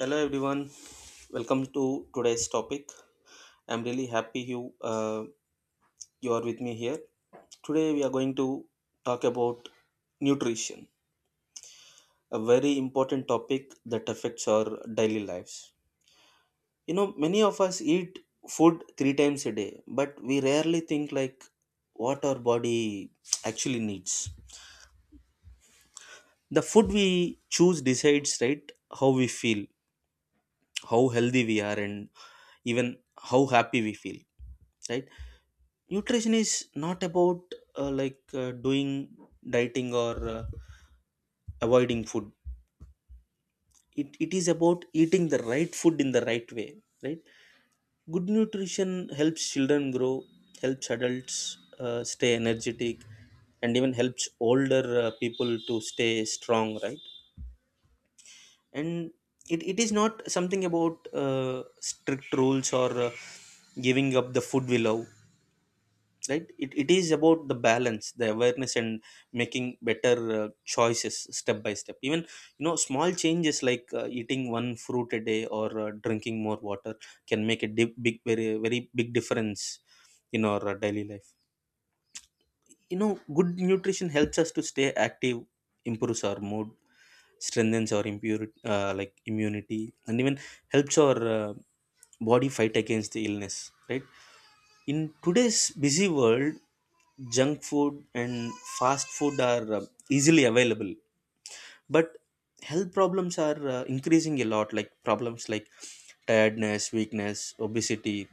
Hello everyone, welcome to today's topic. I'm really happy uh, you are with me here. Today we are going to talk about nutrition, a very important topic that affects our daily lives. You know, many of us eat food three times a day, but we rarely think what our body actually needs. The food we choose decides, right, how we feel, how healthy we are, and even how happy we feel. Right, nutrition is not about doing dieting or avoiding food. It is about eating the right food in the right way, right? Good nutrition helps children grow, helps adults stay energetic, and even helps older people to stay strong, right? And it is not something about strict rules or giving up the food we love. Right, it is about the balance, the awareness, and making better choices step by step. Even, you know, small changes like eating one fruit a day or drinking more water can make big, very, big difference in our daily life. You know, good nutrition helps us to stay active, improves our mood, strengthens our impurity like immunity, and even helps our body fight against the illness, right? In today's busy world, junk food and fast food are easily available, but health problems are increasing a lot, like problems like tiredness, weakness, obesity,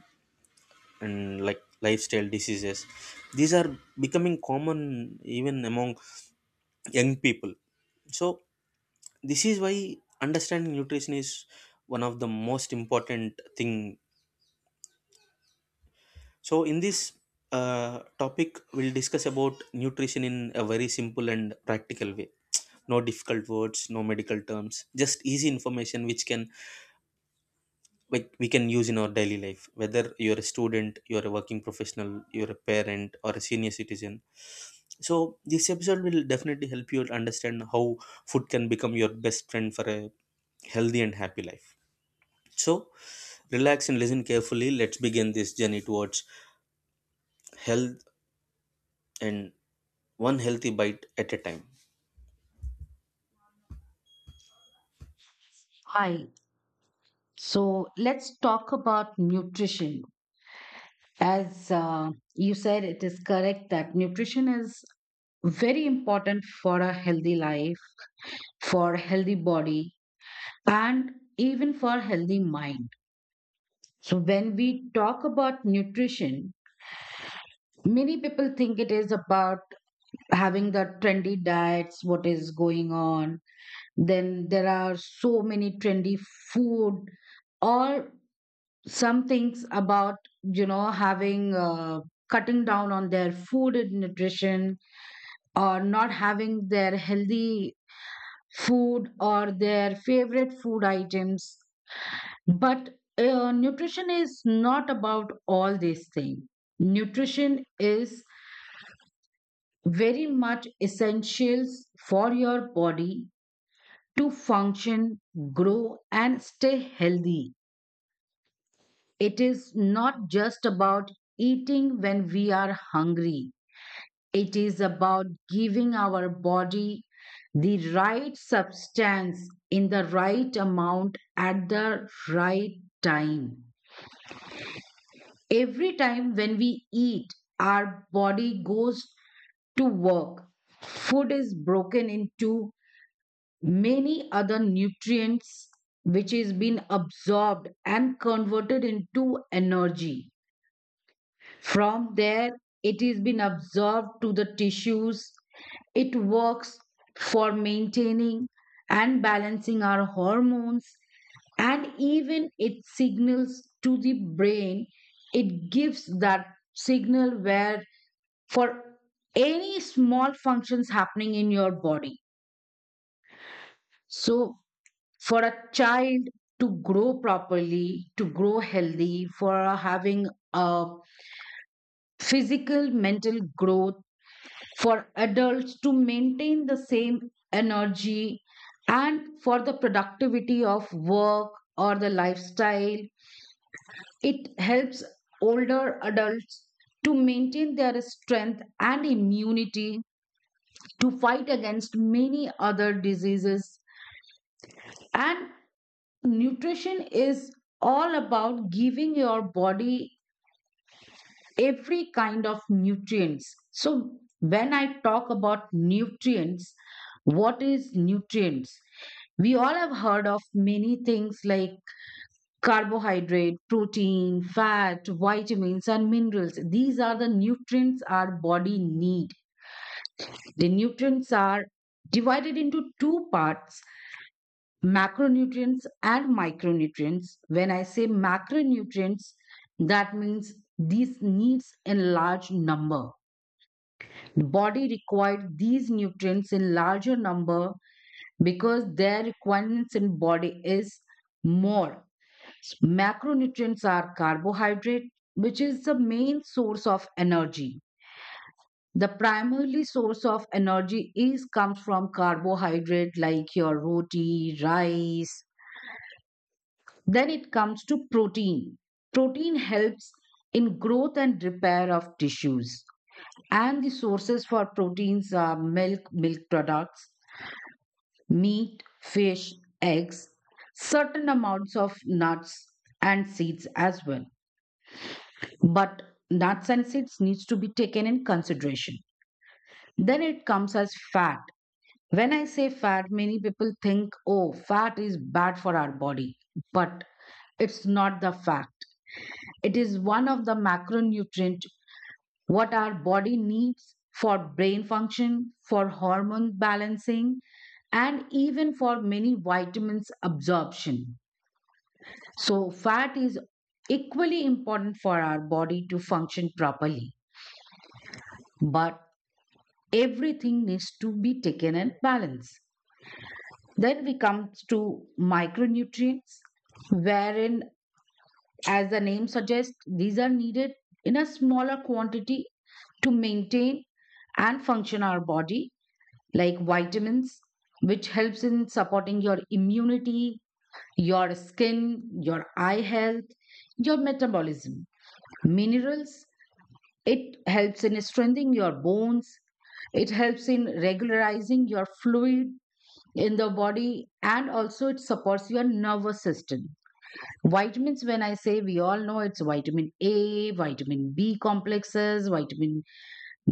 and like lifestyle diseases. These are becoming common even among young people. So, this is why understanding nutrition is one of the most important thing. So, in this topic, we'll discuss about nutrition in a very simple and practical way. No difficult words, no medical terms, just easy information which can like we can use in our daily life. Whether you're a student, you're a working professional, you're a parent, or a senior citizen. So, this episode will definitely help you to understand how food can become your best friend for a healthy and happy life. So, relax and listen carefully. Let's begin this journey towards health and one healthy bite at a time. Hi. So let's talk about nutrition. As you said, it is correct that nutrition is very important for a healthy life, for a healthy body, and even for a healthy mind. So when we talk about nutrition, many people think it is about having the trendy diets, what is going on. Then there are so many trendy food or some things about having cutting down on their food and nutrition or not having their healthy food or their favorite food items but nutrition is not about all these things. Nutrition is very much essentials for your body to function, grow and stay healthy. It is not just about eating when we are hungry. It is about giving our body the right substance in the right amount at the right time. Every time when we eat, our body goes to work. Food is broken into many other nutrients which is being absorbed and converted into energy. From there, it is been absorbed to the tissues. It works for maintaining and balancing our hormones, and even it signals to the brain. It gives that signal where for any small functions happening in your body. So, for a child to grow properly, to grow healthy, for having a physical, mental growth, for adults to maintain the same energy and for the productivity of work or the lifestyle. It helps older adults to maintain their strength and immunity to fight against many other diseases. And nutrition is all about giving your body every kind of nutrients. So, when I talk about nutrients, what is nutrients? We all have heard of many things like carbohydrate, protein, fat, vitamins, and minerals. These are the nutrients our body need. The nutrients are divided into two parts, macronutrients and micronutrients. When I say macronutrients, that means these needs in large number. The body required these nutrients in larger number because their requirements in body is more. Macronutrients are carbohydrate, which is the main source of energy. The primary source of energy is comes from carbohydrate like your roti, rice. Then it comes to protein. Protein helps in growth and repair of tissues. And the sources for proteins are milk, milk products, meat, fish, eggs, certain amounts of nuts and seeds as well. But nuts and seeds needs to be taken in consideration. Then it comes as fat. When I say fat, many people think, oh, fat is bad for our body. But it's not the fact. It is one of the macronutrient what our body needs for brain function, for hormone balancing, and even for many vitamins absorption. So, fat is equally important for our body to function properly, but everything needs to be taken in balance. Then we come to micronutrients, wherein, as the name suggests, these are needed in a smaller quantity to maintain and function our body, like vitamins, which helps in supporting your immunity, your skin, your eye health, your metabolism. Minerals, it helps in strengthening your bones. It helps in regularizing your fluid in the body and also it supports your nervous system. Vitamins, when I say we all know it's vitamin A, vitamin B complexes, vitamin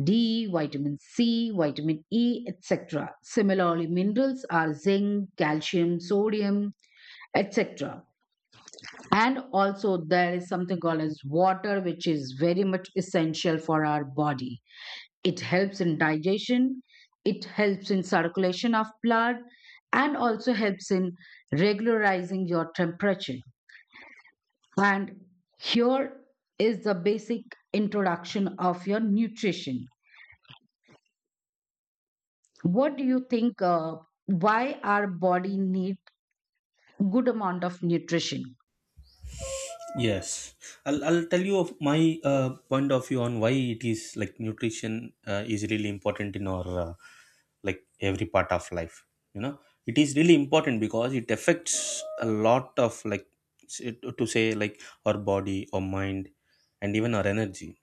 D, vitamin C, vitamin E, etc. Similarly, minerals are zinc, calcium, sodium, etc. And also, there is something called as water, which is very much essential for our body. It helps in digestion, it helps in circulation of blood, and also helps in regularizing your temperature. And here is the basic introduction of your nutrition. What do you think? Why our body need good amount of nutrition? Yes, I'll tell you of my point of view on why it is like nutrition is really important in our like every part of life. You know, it is really important because it affects a lot of like s- to say like our body, our mind, and even our energy.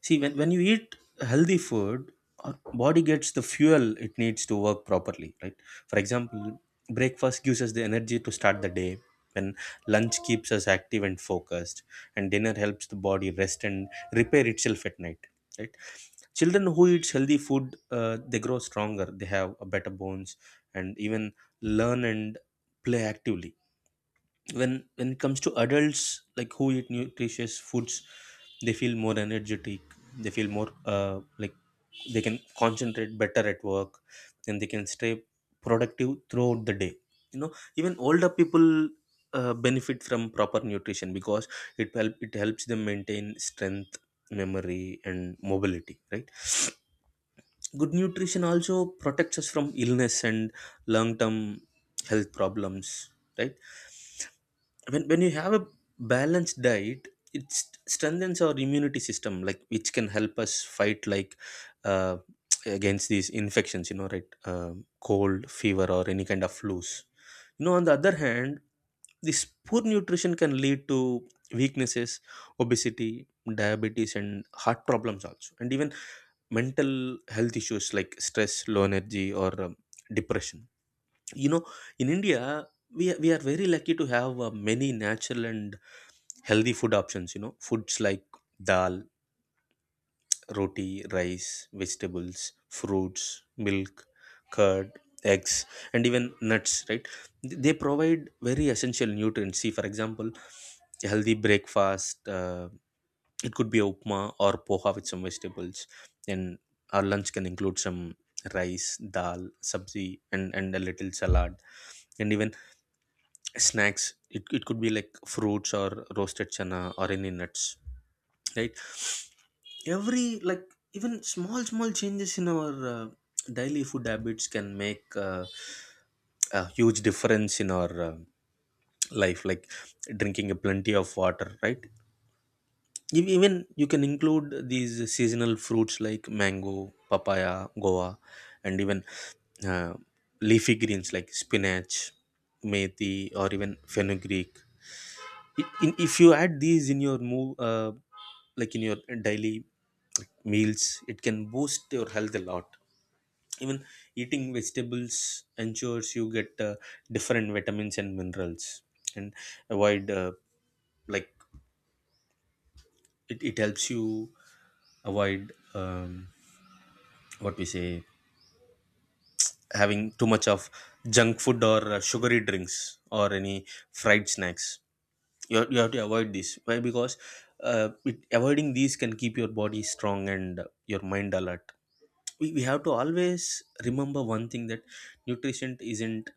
See, when you eat healthy food, our body gets the fuel it needs to work properly, right? For example, breakfast gives us the energy to start the day, and lunch keeps us active and focused, and dinner helps the body rest and repair itself at night, right? Children who eat healthy food, they grow stronger, they have a better bones, and even learn and play actively. When it comes to adults like who eat nutritious foods, they feel more energetic, they feel more they can concentrate better at work, and they can stay productive throughout the day. You know, even older people benefit from proper nutrition, because it helps them maintain strength, memory, and mobility, right? Good nutrition also protects us from illness and long term health problems, right? When you have a balanced diet, it strengthens our immunity system, like which can help us fight, like uh, against these infections, you know, right? Cold, fever, or any kind of flus, you know. On the other hand, this poor nutrition can lead to weaknesses, obesity, diabetes, and heart problems also, and even mental health issues like stress, low energy, or depression, you know. In india, we are very lucky to have many natural and healthy food options. You know, foods like dal, roti, rice, vegetables, fruits, milk, curd, eggs, and even nuts, right? They provide very essential nutrients. See, for example, a healthy breakfast, it could be a upma or poha with some vegetables, and our lunch can include some rice, dal, sabzi, and a little salad, and even snacks, it could be like fruits or roasted chana or any nuts, right? every like Even small changes in our daily food habits can make a huge difference in our life, like drinking a plenty of water, right? Even you can include these seasonal fruits like mango, papaya, goa, and even uh, leafy greens like spinach, methi, or even fenugreek. If you add these in your move like in your daily meals, it can boost your health a lot. Even eating vegetables ensures you get different vitamins and minerals, and avoid like it helps you avoid, what we say, having too much of junk food or sugary drinks or any fried snacks. You have to avoid this, why? Because avoiding these can keep your body strong and your mind alert. We have to always remember one thing, that nutrition isn't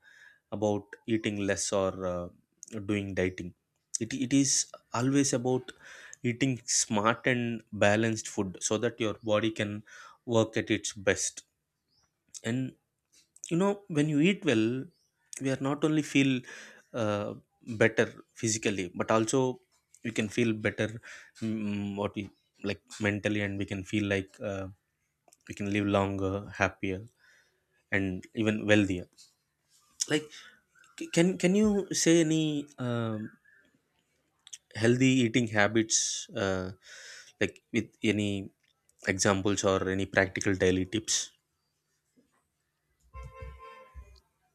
about eating less or doing dieting. It is always about eating smart and balanced food so that your body can work at its best. And you know, when you eat well, we are not only feel uh, better physically, but also we can feel better, mm, what we like mentally, and we can feel we can live longer, happier, and even wealthier. Like, can you say any healthy eating habits, like with any examples or any practical daily tips?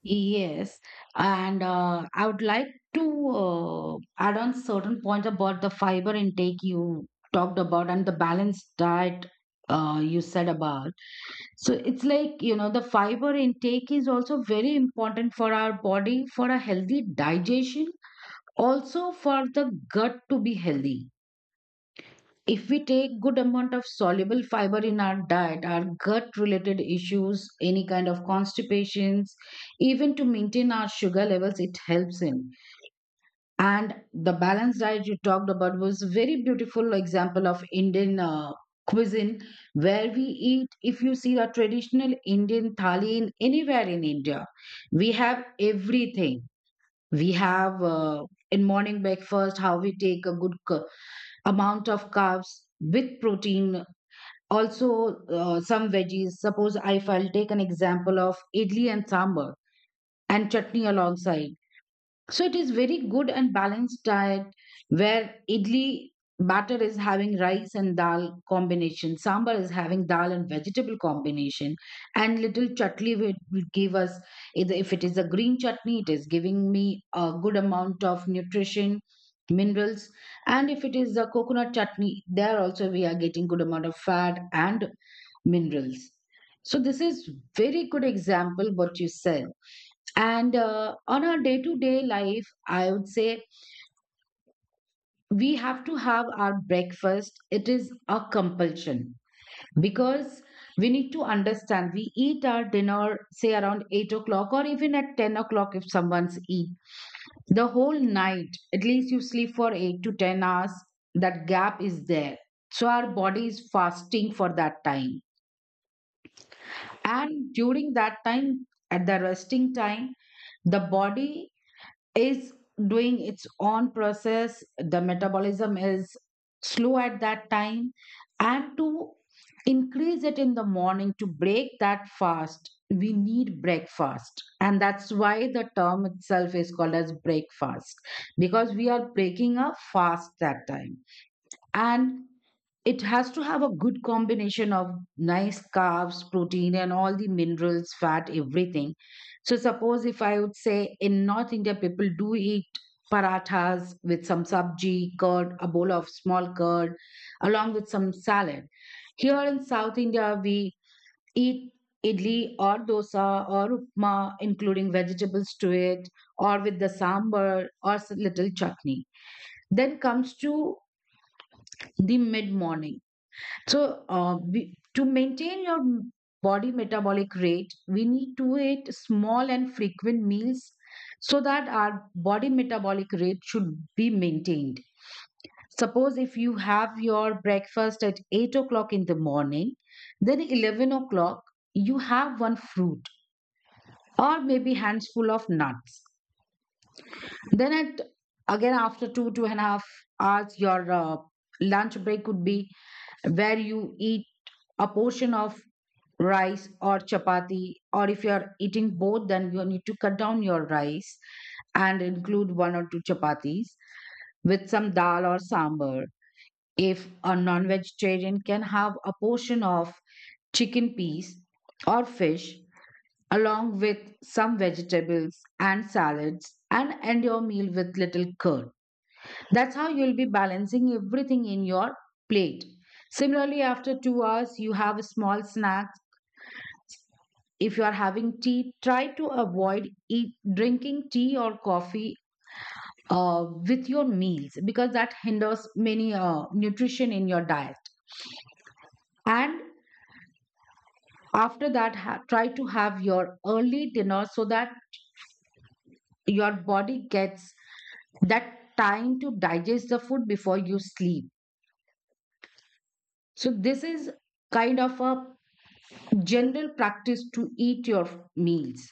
Yes, and I would like to add on certain points about the fiber intake you talked about and the balanced diet you said about. So it's like, you know, the fiber intake is also very important for our body for a healthy digestion, also for the gut to be healthy. If we take good amount of soluble fiber in our diet, our gut related issues, any kind of constipations, even to maintain our sugar levels it helps in. And the balanced diet you talked about was very beautiful example of Indian cuisine where we eat. If you see a traditional Indian thali in anywhere in India, we have everything. We have in morning breakfast how we take a good amount of carbs with protein also, some veggies. Suppose if I'll take an example of idli and sambar and chutney alongside. So it is very good and balanced diet where idli batter is having rice and dal combination, sambar is having dal and vegetable combination, and little chutney will give us, either if it is a green chutney, it is giving me a good amount of nutrition, minerals, and if it is a coconut chutney, there also we are getting good amount of fat and minerals. So this is very good example what you said. And on our day to day life, I would say we have to have our breakfast. It is a compulsion because we need to understand we eat our dinner say around 8 o'clock or even at 10 o'clock. If someone's eat the whole night, at least you sleep for 8 to 10 hours, that gap is there, so our body is fasting for that time. And during that time, at the resting time, the body is doing its own process, the metabolism is slow at that time. And to increase it in the morning, to break that fast we need breakfast, and that's why the term itself is called as breakfast because we are breaking a fast that time. And it has to have a good combination of nice carbs, protein, and all the minerals, fat, everything. So, suppose if I would say in North India, people do eat parathas with some sabji, curd, a bowl of small curd, along with some salad. Here in South India, we eat idli or dosa or upma, including vegetables to it, or with the sambar or little chutney. Then comes to the mid morning so, we to maintain your body metabolic rate, we need to eat small and frequent meals so that our body metabolic rate should be maintained. Suppose if you have your breakfast at 8 o'clock in the morning, then 11 o'clock, you have one fruit or maybe handful of nuts. Then at again after two, two and a half hours, your lunch break could be where you eat a portion of rice or chapati, or if you are eating both then you need to cut down your rice and include one or two chapatis with some dal or sambar. If a non-vegetarian, can have a portion of chicken piece or fish along with some vegetables and salads and end your meal with little curd. That's how you'll be balancing everything in your plate. Similarly, after 2 hours, you have a small snack. If you are having tea, try to avoid drinking tea or coffee with your meals because that hinders many nutrition in your diet. And after that, try to have your early dinner so that your body gets that time to digest the food before you sleep. So, this is kind of a general practice to eat your meals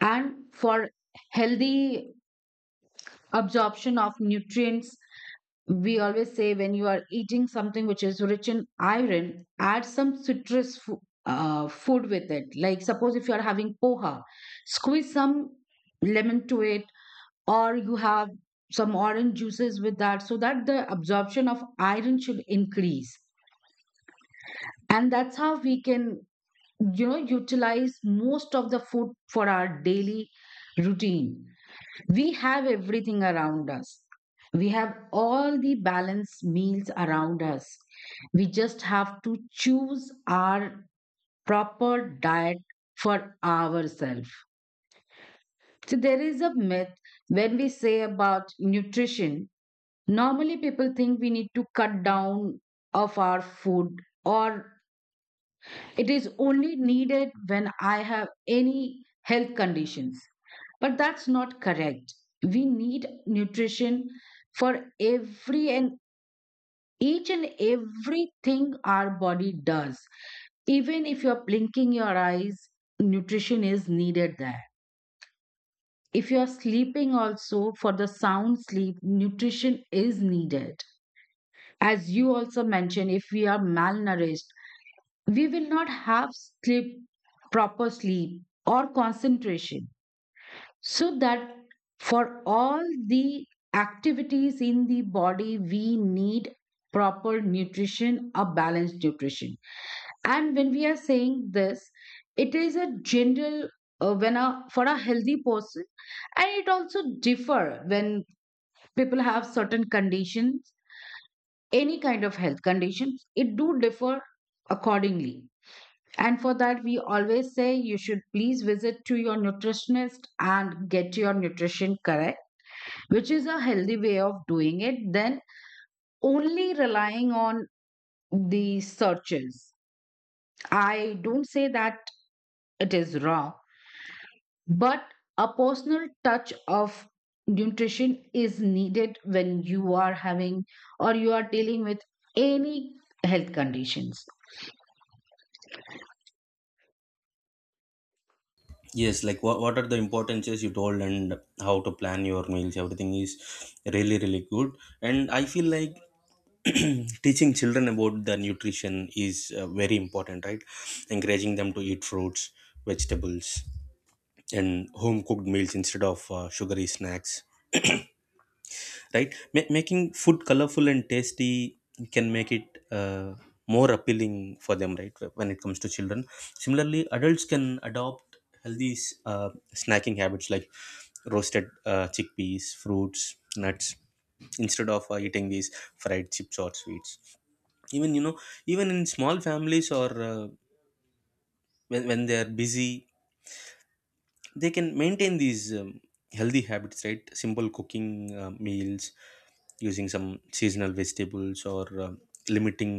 and for healthy absorption of nutrients. We always say when you are eating something which is rich in iron, add some citrus food with it, like suppose if you are having poha, squeeze some lemon to it, or you have some orange juices with that so that the absorption of iron should increase. And that's how we can, you know, utilize most of the food for our daily routine. We have everything around us, we have all the balanced meals around us, we just have to choose our proper diet for ourselves. So there is a myth, when we say about nutrition, normally people think we need to cut down of our food, or it is only needed when I have any health conditions. But that's not correct. We need nutrition for every and each and everything our body does. Even if you're blinking your eyes, nutrition is needed there. If you're sleeping, also for the sound sleep, nutrition is needed. As you also mentioned, if we are malnourished, we will not have sleep, proper sleep or concentration. So that for all the activities in the body we need proper nutrition, a balanced nutrition. And when we are saying this, it is a general, when a for a healthy person, and it also differ when people have certain conditions. Any kind of health conditions it do differ accordingly. And for that, we always say you should please visit to your nutritionist and get your nutrition correct, which is a healthy way of doing it. Then only relying on the searches. I don't say that it is wrong, but a personal touch of nutrition is needed when you are having or you are dealing with any health conditions. Yes, like what are the importances you told and how to plan your meals, everything is really really good. And I feel like teaching children about the nutrition is very important, right? Encouraging them to eat fruits, vegetables, and home cooked meals instead of sugary snacks. Right, making food colorful and tasty can make it uh, more appealing for them, right? When it comes to children, similarly adults can adopt healthy snacking habits like roasted chickpeas, fruits, nuts, instead of eating these fried chips or sweets. Even, you know, even in small families or when they are busy, they can maintain these healthy habits, right? Simple cooking meals using some seasonal vegetables or limiting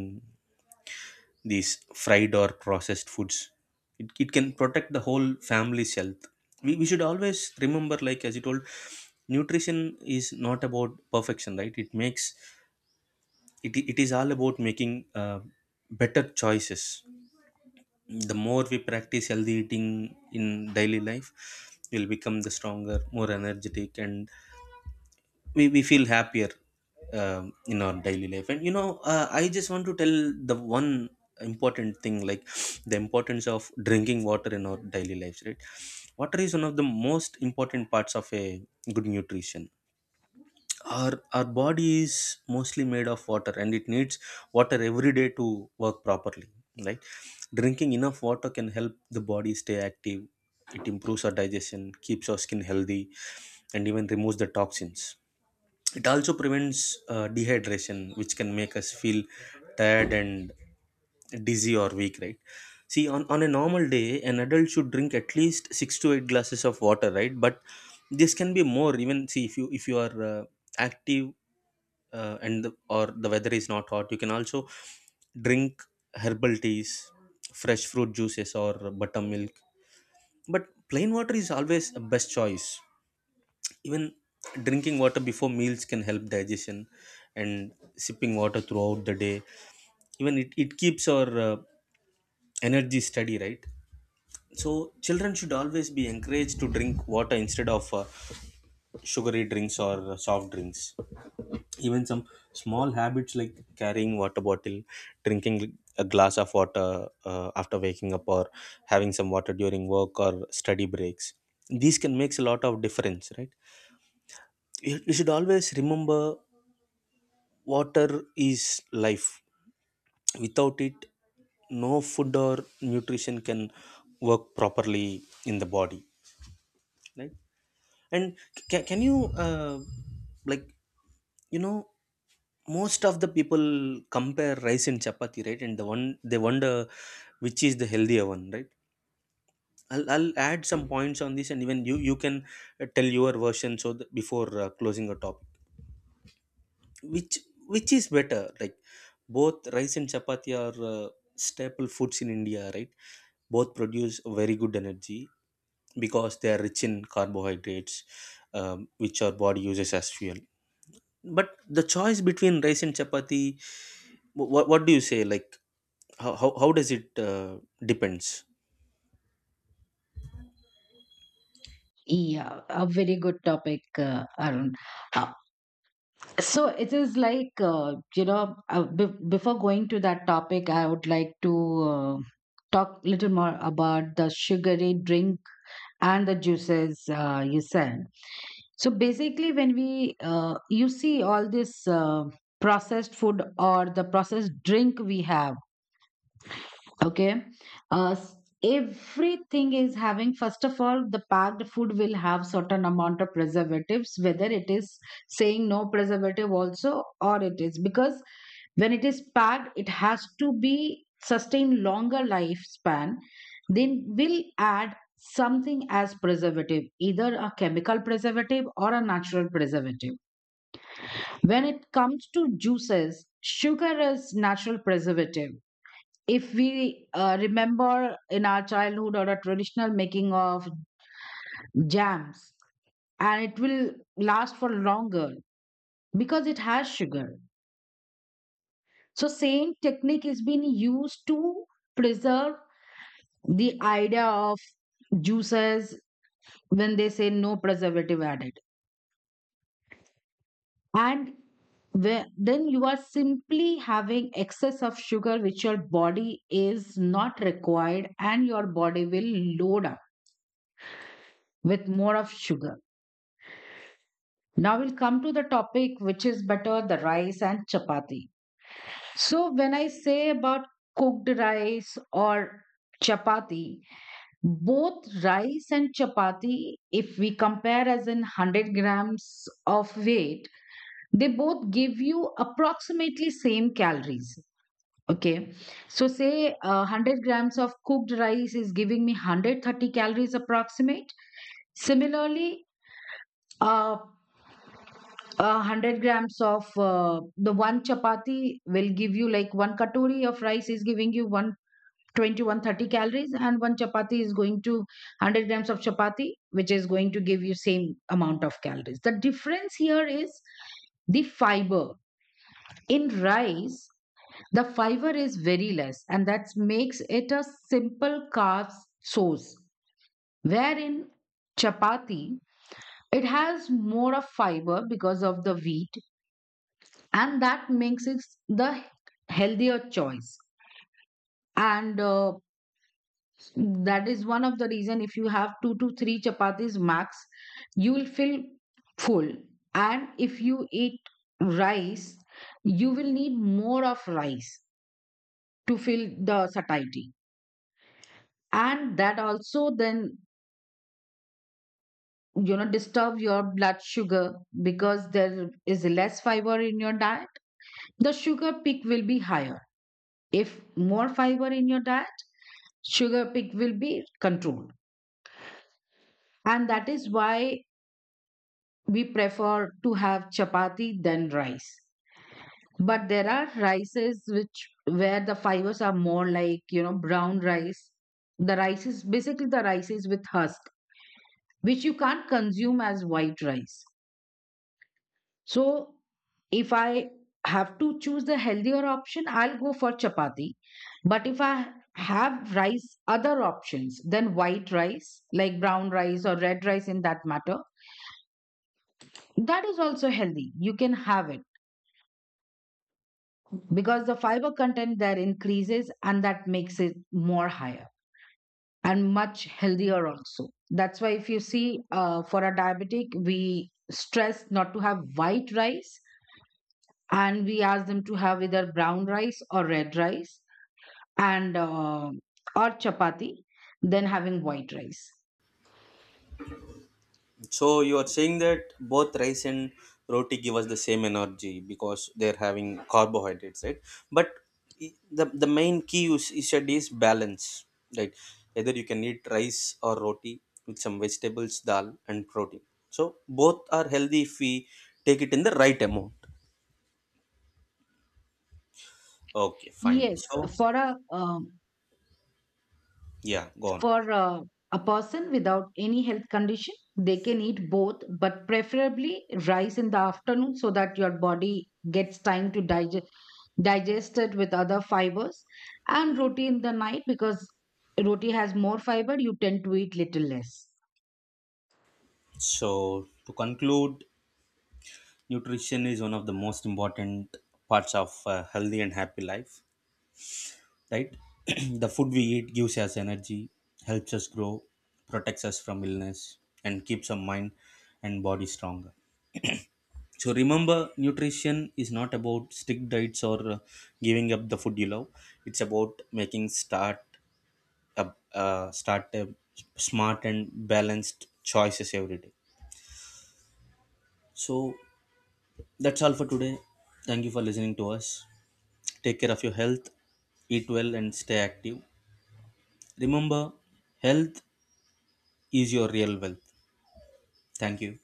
these fried or processed foods, it can protect the whole family's health. We should always remember, like as you told, nutrition is not about perfection, right? It is all about making better choices. The more we practice healthy eating in daily life, we'll become the stronger, more energetic, and we feel happier in our daily life. And you know, I just want to tell the one important thing, like the importance of drinking water in our daily lives, right? Water is one of the most important parts of a good nutrition. Our body is mostly made of water, and it needs water every day to work properly, right? Drinking enough water can help the body stay active, it improves our digestion, keeps our skin healthy, and even removes the toxins. It also prevents dehydration, which can make us feel tired and dizzy or weak, right? See, on a normal day an adult should drink at least 6 to 8 glasses of water, right? But this can be more even. See, if you are active and or the weather is not hot, you can also drink herbal teas, fresh fruit juices, or buttermilk, but plain water is always a best choice. Even drinking water before meals can help digestion, and sipping water throughout the day, even it keeps our energy steady, right? So children should always be encouraged to drink water instead of sugary drinks or soft drinks. Even some small habits like carrying water bottle, drinking a glass of water after waking up, or having some water during work or study breaks, these can makes a lot of difference, right? We should always remember, water is life. Without it, no food or nutrition can work properly in the body, right? And ca- can you, like you know most of the people compare rice and chapati, right? And the one they wonder which is the healthier one, right? I'll add some points on this, and even you can tell your version, so that before closing the topic, which which is better. Like, both rice and chapati are staple foods in india, right? Both produce very good energy because they are rich in carbohydrates, which our body uses as fuel. But the choice between rice and chapati, what do you say, like how does it depends? Yeah, a very good topic, Arun. Uh, So it is like, be before going to that topic, I would like to uh, talk little more about the sugary drink and the juices you said. So basically, when we you see all this processed food or the processed drink we have. Okay. Uh, s- Everything is having, first of all, the packed food will have certain amount of preservatives, whether it is saying no preservative also or it is because when it is packed, it has to be sustain longer lifespan. Then will add something as preservative, either a chemical preservative or a natural preservative. When it comes to juices, sugar is natural preservative. If we remember in our childhood or a traditional making of jams, and it will last for longer because it has sugar. So same technique is being used to preserve the idea of juices when they say no preservative added. And then you are simply having excess of sugar which your body is not required, and your body will load up with more of sugar. Now we'll come to the topic which is better, the rice and chapati. So when I say about cooked rice or chapati, both rice and chapati, if we compare as in 100 grams of weight, they both give you approximately same calories. Okay, so say 100 grams of cooked rice is giving me 130 calories approximate. Similarly, uh, a 100 grams of the one chapati will give you, like, one katori of rice is giving you one twenty one thirty calories, and one chapati is going to 100 grams of chapati which is going to give you same amount of calories. The difference here is the fiber. In rice the fiber is very less, and that makes it a simple carb source, wherein chapati, it has more of fiber because of the wheat, and that makes it the healthier choice. And that is one of the reason, if you have two to three chapatis max you will feel full, and if you eat rice you will need more of rice to fill the satiety. And that also then, you know, disturb your blood sugar because there is less fiber in your diet, the sugar peak will be higher. If more fiber in your diet, sugar pick will be controlled. And that is why we prefer to have chapati than rice. But there are rices which where the fibers are more, like, you know, brown rice. The rice is basically the rice is with husk, which you can't consume as white rice. So if I have to choose the healthier option, I'll go for chapati. But if I have rice, other options than white rice, like brown rice or red rice in that matter, that is also healthy. You can have it because the fiber content there increases and that makes it more higher and much healthier also. That's why if you see for a diabetic, we stress not to have white rice and we ask them to have either brown rice or red rice, and or chapati, then having white rice. So you are saying that both rice and roti give us the same energy because they're having carbohydrates, right? But the main key you said is balance, right? Either you can eat rice or roti with some vegetables, dal, and protein. So both are healthy if we take it in the right amount. Okay, fine. Yes, So for a yeah, go on. For a person without any health condition, they can eat both, but preferably rice in the afternoon so that your body gets time to digest digest it with other fibers, and roti in the night because roti has more fiber you tend to eat little less So to conclude, nutrition is one of the most important parts of a healthy and happy life, right? The food we eat gives us energy, helps us grow, protects us from illness, and keeps our mind and body stronger. So remember, nutrition is not about strict diets or giving up the food you love. It's about making start a smart and balanced choices every day. So that's all for today. Thank you for listening to us. Take care of your health, eat well, and stay active. Remember, health is your real wealth. Thank you.